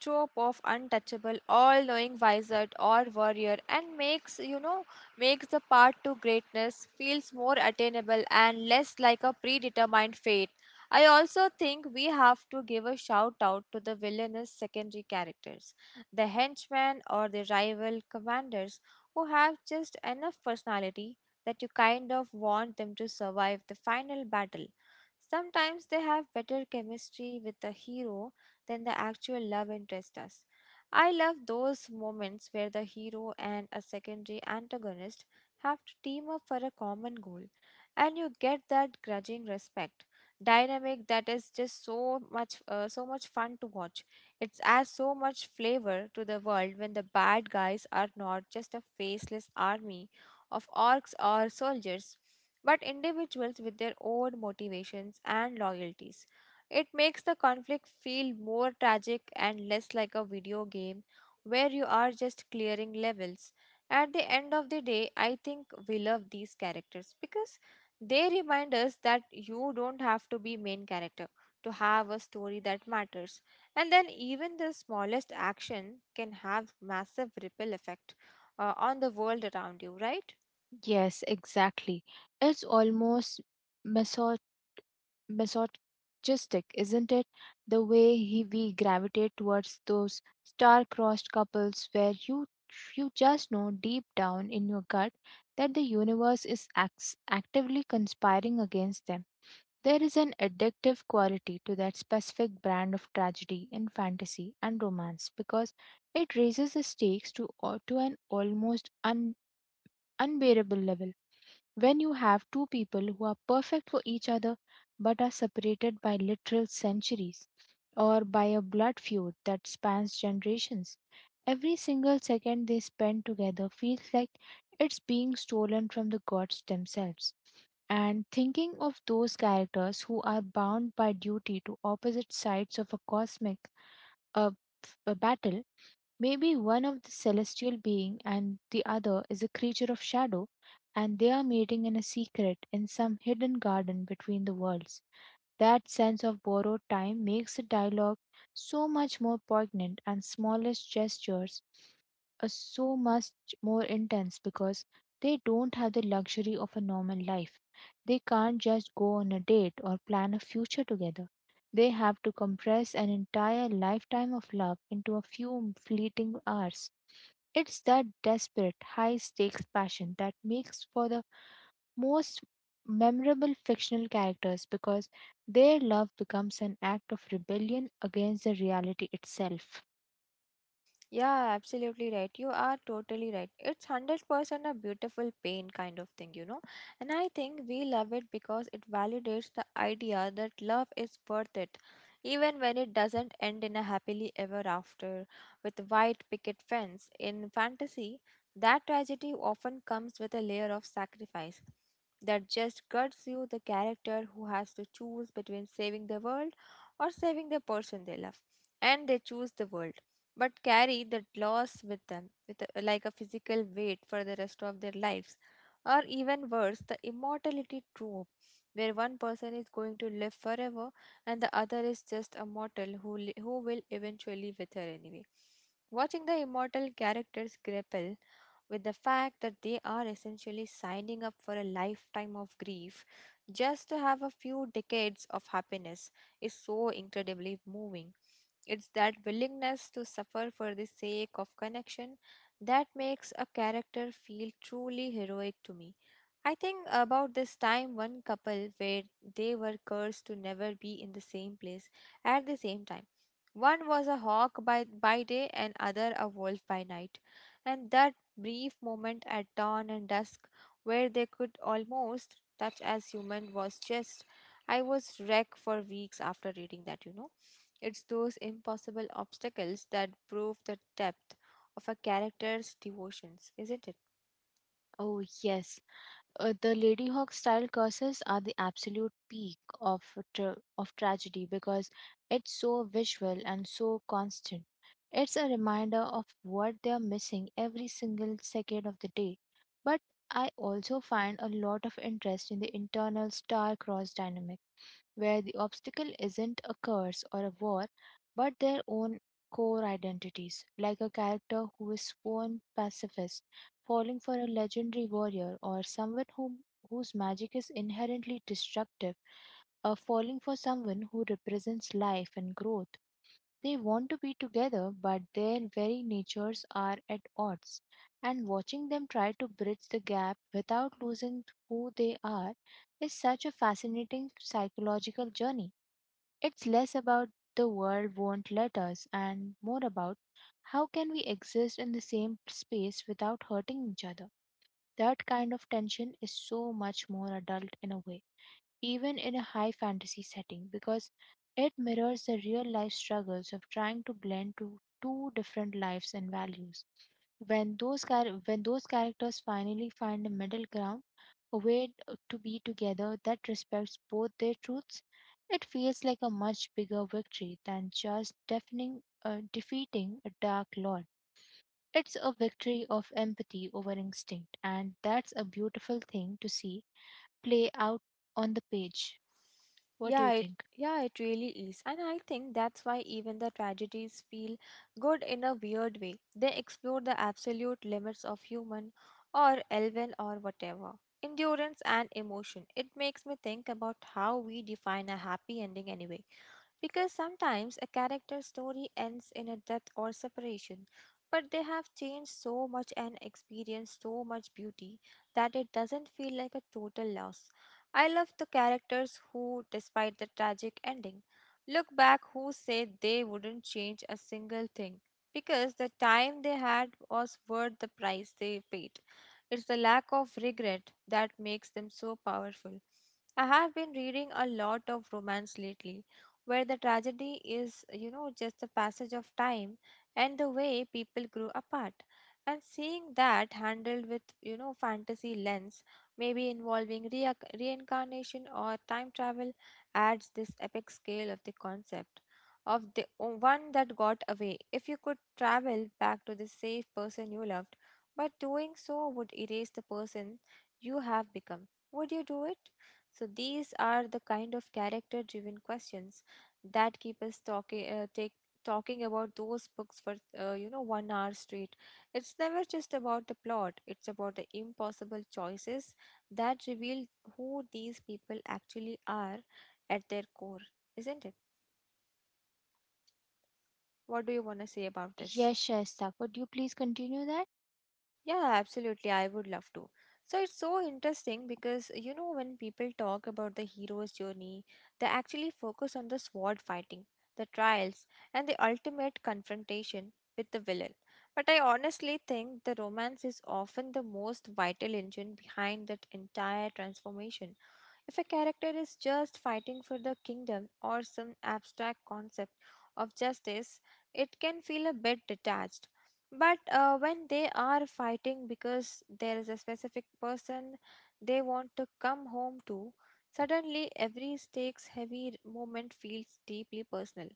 [SPEAKER 1] trope of untouchable, all knowing wizard or warrior and makes you know makes the path to greatness feels more attainable and less like a predetermined fate. I also think we have to give a shout out to the villainous secondary characters, the henchmen or the rival commanders who have just enough personality that you kind of want them to survive the final battle. Sometimes they have better chemistry with the hero than the actual love interest does. I love those moments where the hero and a secondary antagonist have to team up for a common goal, and you get that grudging respect dynamic that is just so much fun to watch. It adds so much flavor to the world when the bad guys are not just a faceless army of orcs or soldiers, but individuals with their own motivations and loyalties. It makes the conflict feel more tragic and less like a video game where you are just clearing levels. At the end of the day, I think we love these characters because they remind us that you don't have to be main character to have a story that matters. And then even the smallest action can have massive ripple effect on the world around you, right?
[SPEAKER 2] Yes, exactly. It's almost masochistic, isn't it? The way we gravitate towards those star-crossed couples where you just know deep down in your gut that the universe is actively conspiring against them. There is an addictive quality to that specific brand of tragedy in fantasy and romance, because it raises the stakes to, to an almost unbearable level when you have two people who are perfect for each other but are separated by literal centuries or by a blood feud that spans generations. Every single second they spend together feels like it's being stolen from the gods themselves. And thinking of those characters who are bound by duty to opposite sides of a cosmic uh, a battle. Maybe one of the celestial being and the other is a creature of shadow, and they are meeting in a secret, in some hidden garden between the worlds. That sense of borrowed time makes the dialogue so much more poignant, and smallest gestures are so much more intense because they don't have the luxury of a normal life. They can't just go on a date or plan a future together. They have to compress an entire lifetime of love into a few fleeting hours. It's that desperate, high stakes passion that makes for the most memorable fictional characters, because their love becomes an act of rebellion against the reality itself.
[SPEAKER 1] Yeah, absolutely right. You are totally right. It's 100% a beautiful pain kind of thing, you know. And I think we love it because it validates the idea that love is worth it, even when it doesn't end in a happily ever after with white picket fence. In fantasy, that tragedy often comes with a layer of sacrifice that just guts you, the character who has to choose between saving the world or saving the person they love. And they choose the world but carry that loss with them, with a, like a physical weight for the rest of their lives. Or even worse, the immortality trope, where one person is going to live forever and the other is just a mortal who will eventually wither anyway. Watching the immortal characters grapple with the fact that they are essentially signing up for a lifetime of grief just to have a few decades of happiness is so incredibly moving. It's that willingness to suffer for the sake of connection that makes a character feel truly heroic to me. I think about this time one couple where they were cursed to never be in the same place at the same time. One was a hawk by day and other a wolf by night. And that brief moment at dawn and dusk where they could almost touch as human was just, I was wrecked for weeks after reading that, you know. It's those impossible obstacles that prove the depth of a character's devotions, isn't it?
[SPEAKER 2] Oh, yes. The Lady Hawk style curses are the absolute peak of tragedy, because it's so visual and so constant. It's a reminder of what they're missing every single second of the day. But I also find a lot of interest in the internal star-crossed dynamic, where the obstacle isn't a curse or a war, but their own core identities. Like a character who is sworn pacifist, falling for a legendary warrior, or someone whose magic is inherently destructive, or falling for someone who represents life and growth. They want to be together, but their very natures are at odds. And watching them try to bridge the gap without losing who they are is such a fascinating psychological journey. It's less about the world won't let us, and more about how can we exist in the same space without hurting each other. That kind of tension is so much more adult in a way, even in a high fantasy setting, because it mirrors the real life struggles of trying to blend to two different lives and values. When those characters finally find a middle ground, a way to be together that respects both their truths, it feels like a much bigger victory than just defeating a dark lord. It's a victory of empathy over instinct, and that's a beautiful thing to see play out on the page. What do
[SPEAKER 1] Yeah,
[SPEAKER 2] you
[SPEAKER 1] it
[SPEAKER 2] think?
[SPEAKER 1] yeah, it really is. And I think that's why even the tragedies feel good in a weird way. They explore the absolute limits of human or elven or whatever. Endurance and emotion. It makes me think about how we define a happy ending anyway. Because sometimes a character's story ends in a death or separation, but they have changed so much and experienced so much beauty that it doesn't feel like a total loss. I love the characters who, despite the tragic ending, look back who said they wouldn't change a single thing because the time they had was worth the price they paid. It's the lack of regret that makes them so powerful. I have been reading a lot of romance lately where the tragedy is, you know, just the passage of time and the way people grew apart. And seeing that handled with, you know, fantasy lens, maybe involving reincarnation or time travel, adds this epic scale of the concept of the one that got away. If you could travel back to the safe person you loved, but doing so would erase the person you have become, would you do it? So these are the kind of character driven questions that keep us talking take talking about those books for you know one hour straight. It's never just about the plot. It's about the impossible choices that reveal who these people actually are at their core, isn't it? What do you want to say about this?
[SPEAKER 2] Yes, Shaista, could you please continue that?
[SPEAKER 1] Yeah, absolutely. I would love to. So it's so interesting because you know when people talk about the hero's journey, they actually focus on the sword fighting, the trials, and the ultimate confrontation with the villain. But I honestly think the romance is often the most vital engine behind that entire transformation. If a character is just fighting for the kingdom or some abstract concept of justice, it can feel a bit detached. But when they are fighting because there is a specific person they want to come home to, suddenly every stakes heavy moment feels deeply personal.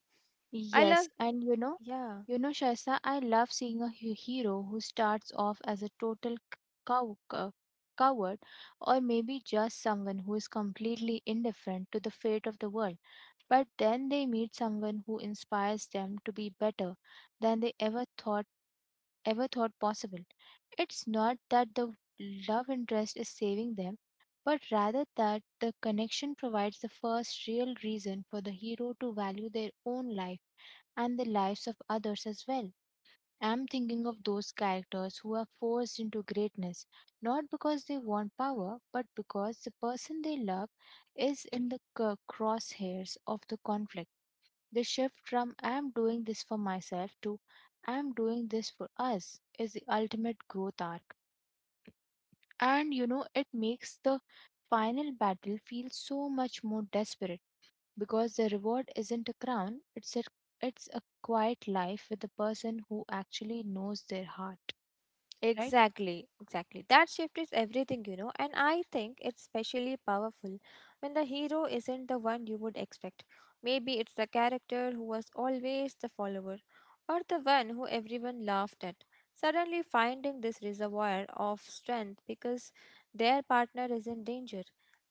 [SPEAKER 1] I love,
[SPEAKER 2] Yes, and
[SPEAKER 1] yeah.
[SPEAKER 2] Shaisa, I love seeing a hero who starts off as a total cow, cow- coward, or maybe just someone who is completely indifferent to the fate of the world. But then they meet someone who inspires them to be better than they ever thought possible. It's not that the love interest is saving them, but rather that the connection provides the first real reason for the hero to value their own life and the lives of others as well. I'm thinking of those characters who are forced into greatness, not because they want power, but because the person they love is in the crosshairs of the conflict. The shift from I'm doing this for myself to I'm doing this for us is the ultimate growth arc. And it makes the final battle feel so much more desperate, because the reward isn't a crown, it's a quiet life with the person who actually knows their heart, right?
[SPEAKER 1] Exactly, exactly. That shift is everything, you know, and I think it's especially powerful when the hero isn't the one you would expect. Maybe it's the character who was always the follower or the one who everyone laughed at. Suddenly finding this reservoir of strength because their partner is in danger.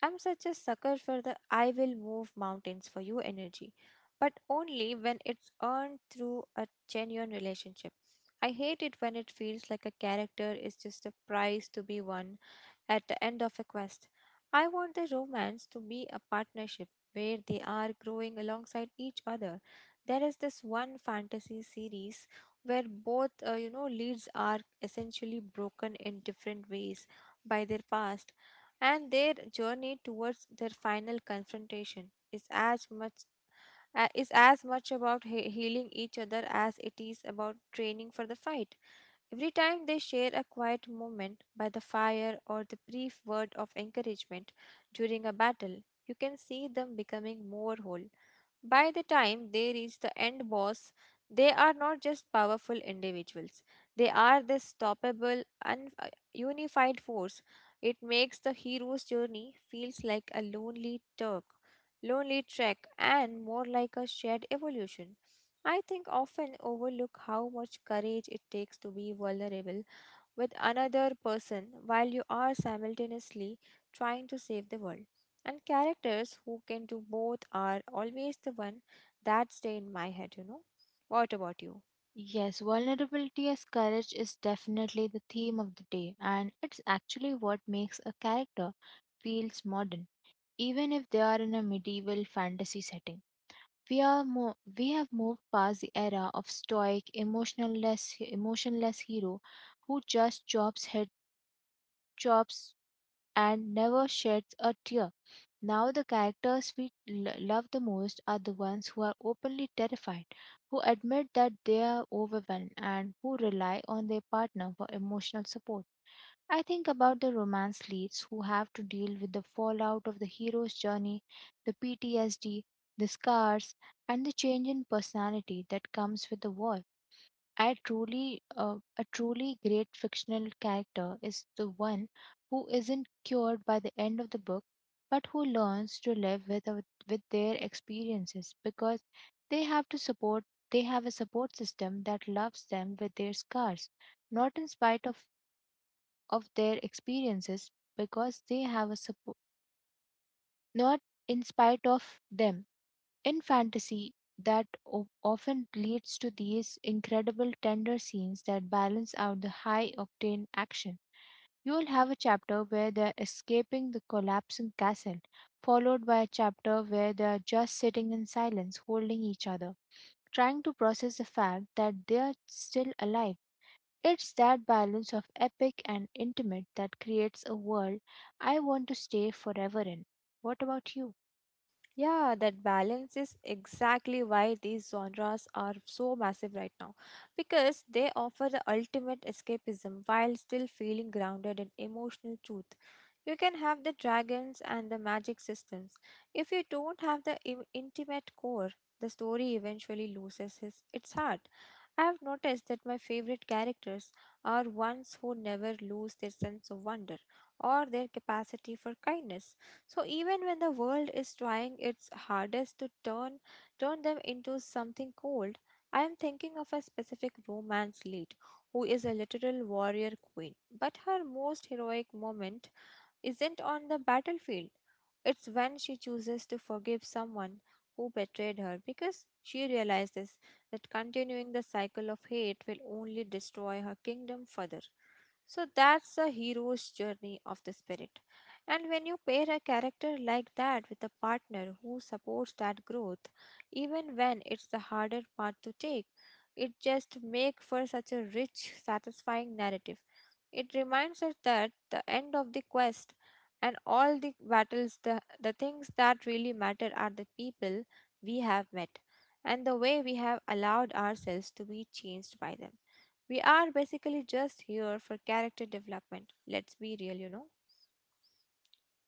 [SPEAKER 1] I'm such a sucker for the I will move mountains for you energy, but only when it's earned through a genuine relationship. I hate it when it feels like a character is just a prize to be won at the end of a quest. I want the romance to be a partnership where they are growing alongside each other. There is this one fantasy series where both, you know, leads are essentially broken in different ways by their past, and their journey towards their final confrontation is as much about healing each other as it is about training for the fight. Every time they share a quiet moment by the fire or the brief word of encouragement during a battle, you can see them becoming more whole. By the time they reach the end boss, they are not just powerful individuals. They are this stoppable, unified force. It makes the hero's journey feels like lonely trek, and more like a shared evolution. I think often overlook how much courage it takes to be vulnerable with another person while you are simultaneously trying to save the world. And characters who can do both are always the one that stay in my head, you know. What about you?
[SPEAKER 2] Yes, vulnerability as courage is definitely the theme of the day, and it's actually what makes a character feels modern, even if they are in a medieval fantasy setting. We have moved past the era of stoic, emotionless hero who just chops head, chops, and never sheds a tear. Now, the characters we love the most are the ones who are openly terrified, who admit that they are overwhelmed, and who rely on their partner for emotional support. I think about the romance leads who have to deal with the fallout of the hero's journey, the PTSD, the scars, and the change in personality that comes with the war. A truly great fictional character is the one who isn't cured by the end of the book, but who learns to live with their experiences because they have to support. They have a support system that loves them with their scars, not in spite of their experiences, because they have a support. Not in spite of them, in fantasy, that often leads to these incredible tender scenes that balance out the high octane action. You will have a chapter where they're escaping the collapsing castle, followed by a chapter where they're just sitting in silence, holding each other, trying to process the fact that they're still alive. It's that balance of epic and intimate that creates a world I want to stay forever in. What about you?
[SPEAKER 1] Yeah, that balance is exactly why these genres are so massive right now because they offer the ultimate escapism while still feeling grounded in emotional truth. You can have the dragons and the magic systems. If you don't have the intimate core, the story eventually loses its heart. I have noticed that my favorite characters are ones who never lose their sense of wonder or their capacity for kindness, so even when the world is trying its hardest to turn them into something cold, I am thinking of a specific romance lead who is a literal warrior queen, but her most heroic moment isn't on the battlefield. It's when she chooses to forgive someone who betrayed her because she realizes that continuing the cycle of hate will only destroy her kingdom further. So that's a hero's journey of the spirit. And when you pair a character like that with a partner who supports that growth, even when it's the harder path to take, it just makes for such a rich, satisfying narrative. It reminds us that the end of the quest and all the battles, the things that really matter are the people we have met and the way we have allowed ourselves to be changed by them. We are basically just here for character development. Let's be real, you know.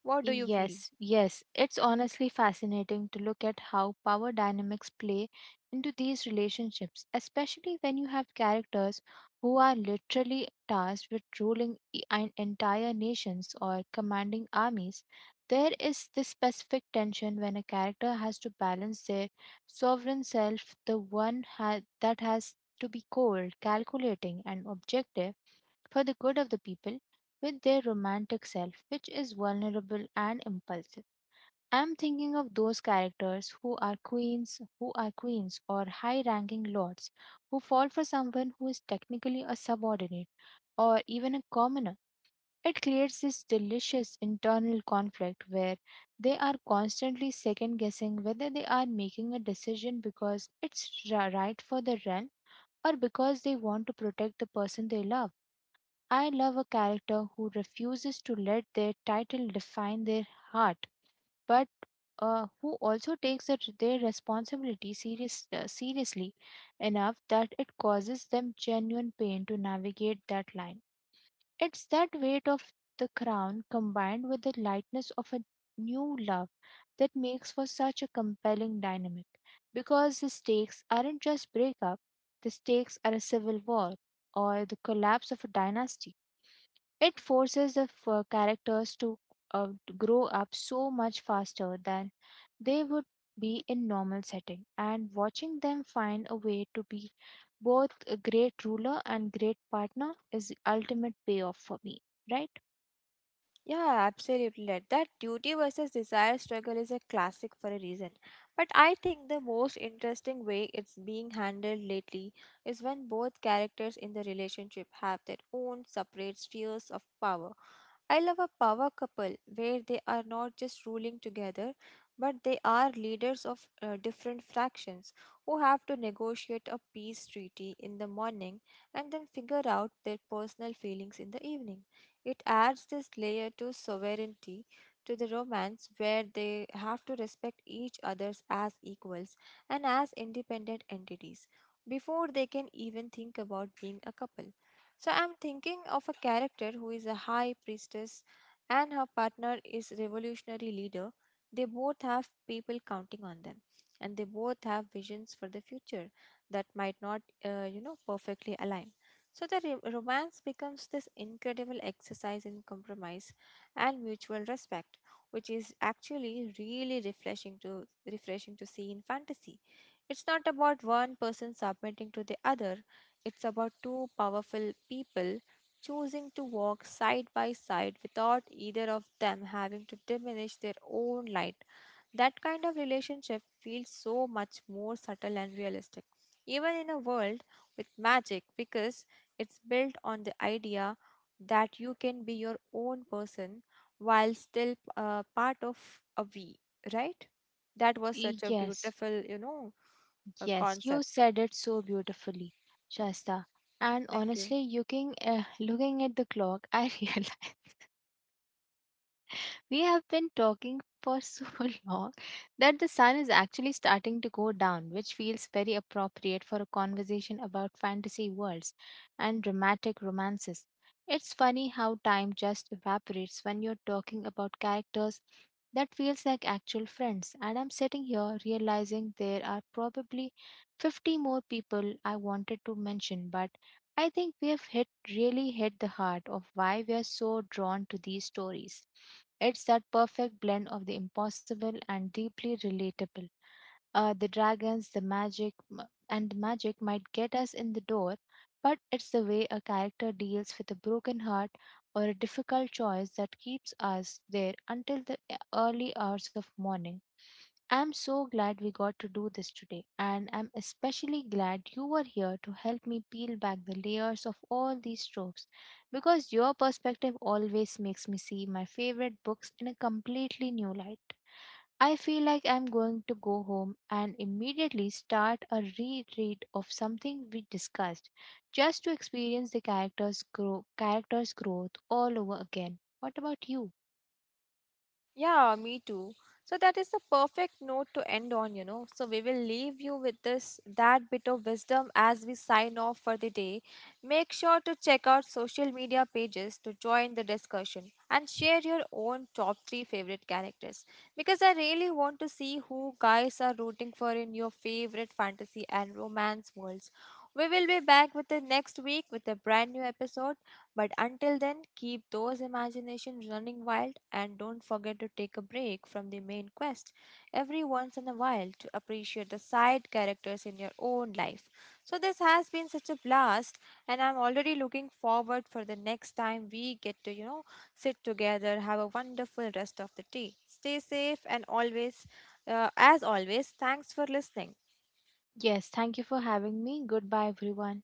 [SPEAKER 1] What do you feel?
[SPEAKER 2] Yes, yes. It's honestly fascinating to look at how power dynamics play into these relationships, especially when you have characters who are literally tasked with ruling entire nations or commanding armies. There is this specific tension when a character has to balance their sovereign self, the one that has to be cold, calculating, and objective for the good of the people, with their romantic self, which is vulnerable and impulsive. I'm thinking of those characters who are queens or high ranking lords, who fall for someone who is technically a subordinate or even a commoner. It creates this delicious internal conflict, where they are constantly second guessing whether they are making a decision because it's right for the realm, or because they want to protect the person they love. I love a character who refuses to let their title define their heart, but who also takes their responsibility seriously enough that it causes them genuine pain to navigate that line. It's that weight of the crown combined with the lightness of a new love that makes for such a compelling dynamic. Because the stakes aren't just breakup, the stakes are a civil war or the collapse of a dynasty. It forces the characters to uh, grow up so much faster than they would be in normal setting. And watching them find a way to be both a great ruler and great partner is the ultimate payoff for me, right?
[SPEAKER 1] Yeah, absolutely. Right, that duty versus desire struggle is a classic for a reason. But I think the most interesting way it's being handled lately is when both characters in the relationship have their own separate spheres of power. I love a power couple where they are not just ruling together, but they are leaders of different fractions who have to negotiate a peace treaty in the morning and then figure out their personal feelings in the evening. It adds this layer to sovereignty to the romance where they have to respect each other's as equals and as independent entities before they can even think about being a couple. So I'm thinking of a character who is a high priestess and her partner is revolutionary leader. They both have people counting on them and they both have visions for the future that might not you know perfectly align. So the romance becomes this incredible exercise in compromise and mutual respect, which is actually really refreshing to see in fantasy. It's not about one person submitting to the other, it's about two powerful people choosing to walk side by side without either of them having to diminish their own light. That kind of relationship feels so much more subtle and realistic, even in a world with magic, because it's built on the idea that you can be your own person while still part of a we, right? That was such a
[SPEAKER 2] Yes,
[SPEAKER 1] beautiful, you know, a
[SPEAKER 2] yes, you
[SPEAKER 1] concept.
[SPEAKER 2] said it so beautifully, Shasta. And
[SPEAKER 1] Thank you.
[SPEAKER 2] honestly, looking, looking at the clock, I realized we have been talking for so long that the sun is actually starting to go down, which feels very appropriate for a conversation about fantasy worlds and dramatic romances. It's funny how time just evaporates when you're talking about characters that feels like actual friends, and I'm sitting here realizing there are probably 50 more people I wanted to mention, but I think we have hit really hit the heart of why we are so drawn to these stories. It's that perfect blend of the impossible and deeply relatable. The dragons, the magic, and the magic might get us in the door, but it's the way a character deals with a broken heart or a difficult choice that keeps us there until the early hours of morning. I'm so glad we got to do this today, and I'm especially glad you were here to help me peel back the layers of all these tropes, because your perspective always makes me see my favorite books in a completely new light. I feel like I'm going to go home and immediately start a reread of something we discussed, just to experience the characters growth all over again. What about you?
[SPEAKER 1] Yeah, me too. So that is the perfect note to end on, you know. So we will leave you with this, that bit of wisdom as we sign off for the day. Make sure to check out social media pages to join the discussion and share your own top three favorite characters because I really want to see who guys are rooting for in your favorite fantasy and romance worlds. We will be back with the next week with a brand new episode. But until then, keep those imaginations running wild and don't forget to take a break from the main quest every once in a while to appreciate the side characters in your own life. So this has been such a blast and I'm already looking forward for the next time we get to, you know, sit together. Have a wonderful rest of the day. Stay safe and always as always, thanks for listening.
[SPEAKER 2] Yes, thank you for having me. Goodbye everyone.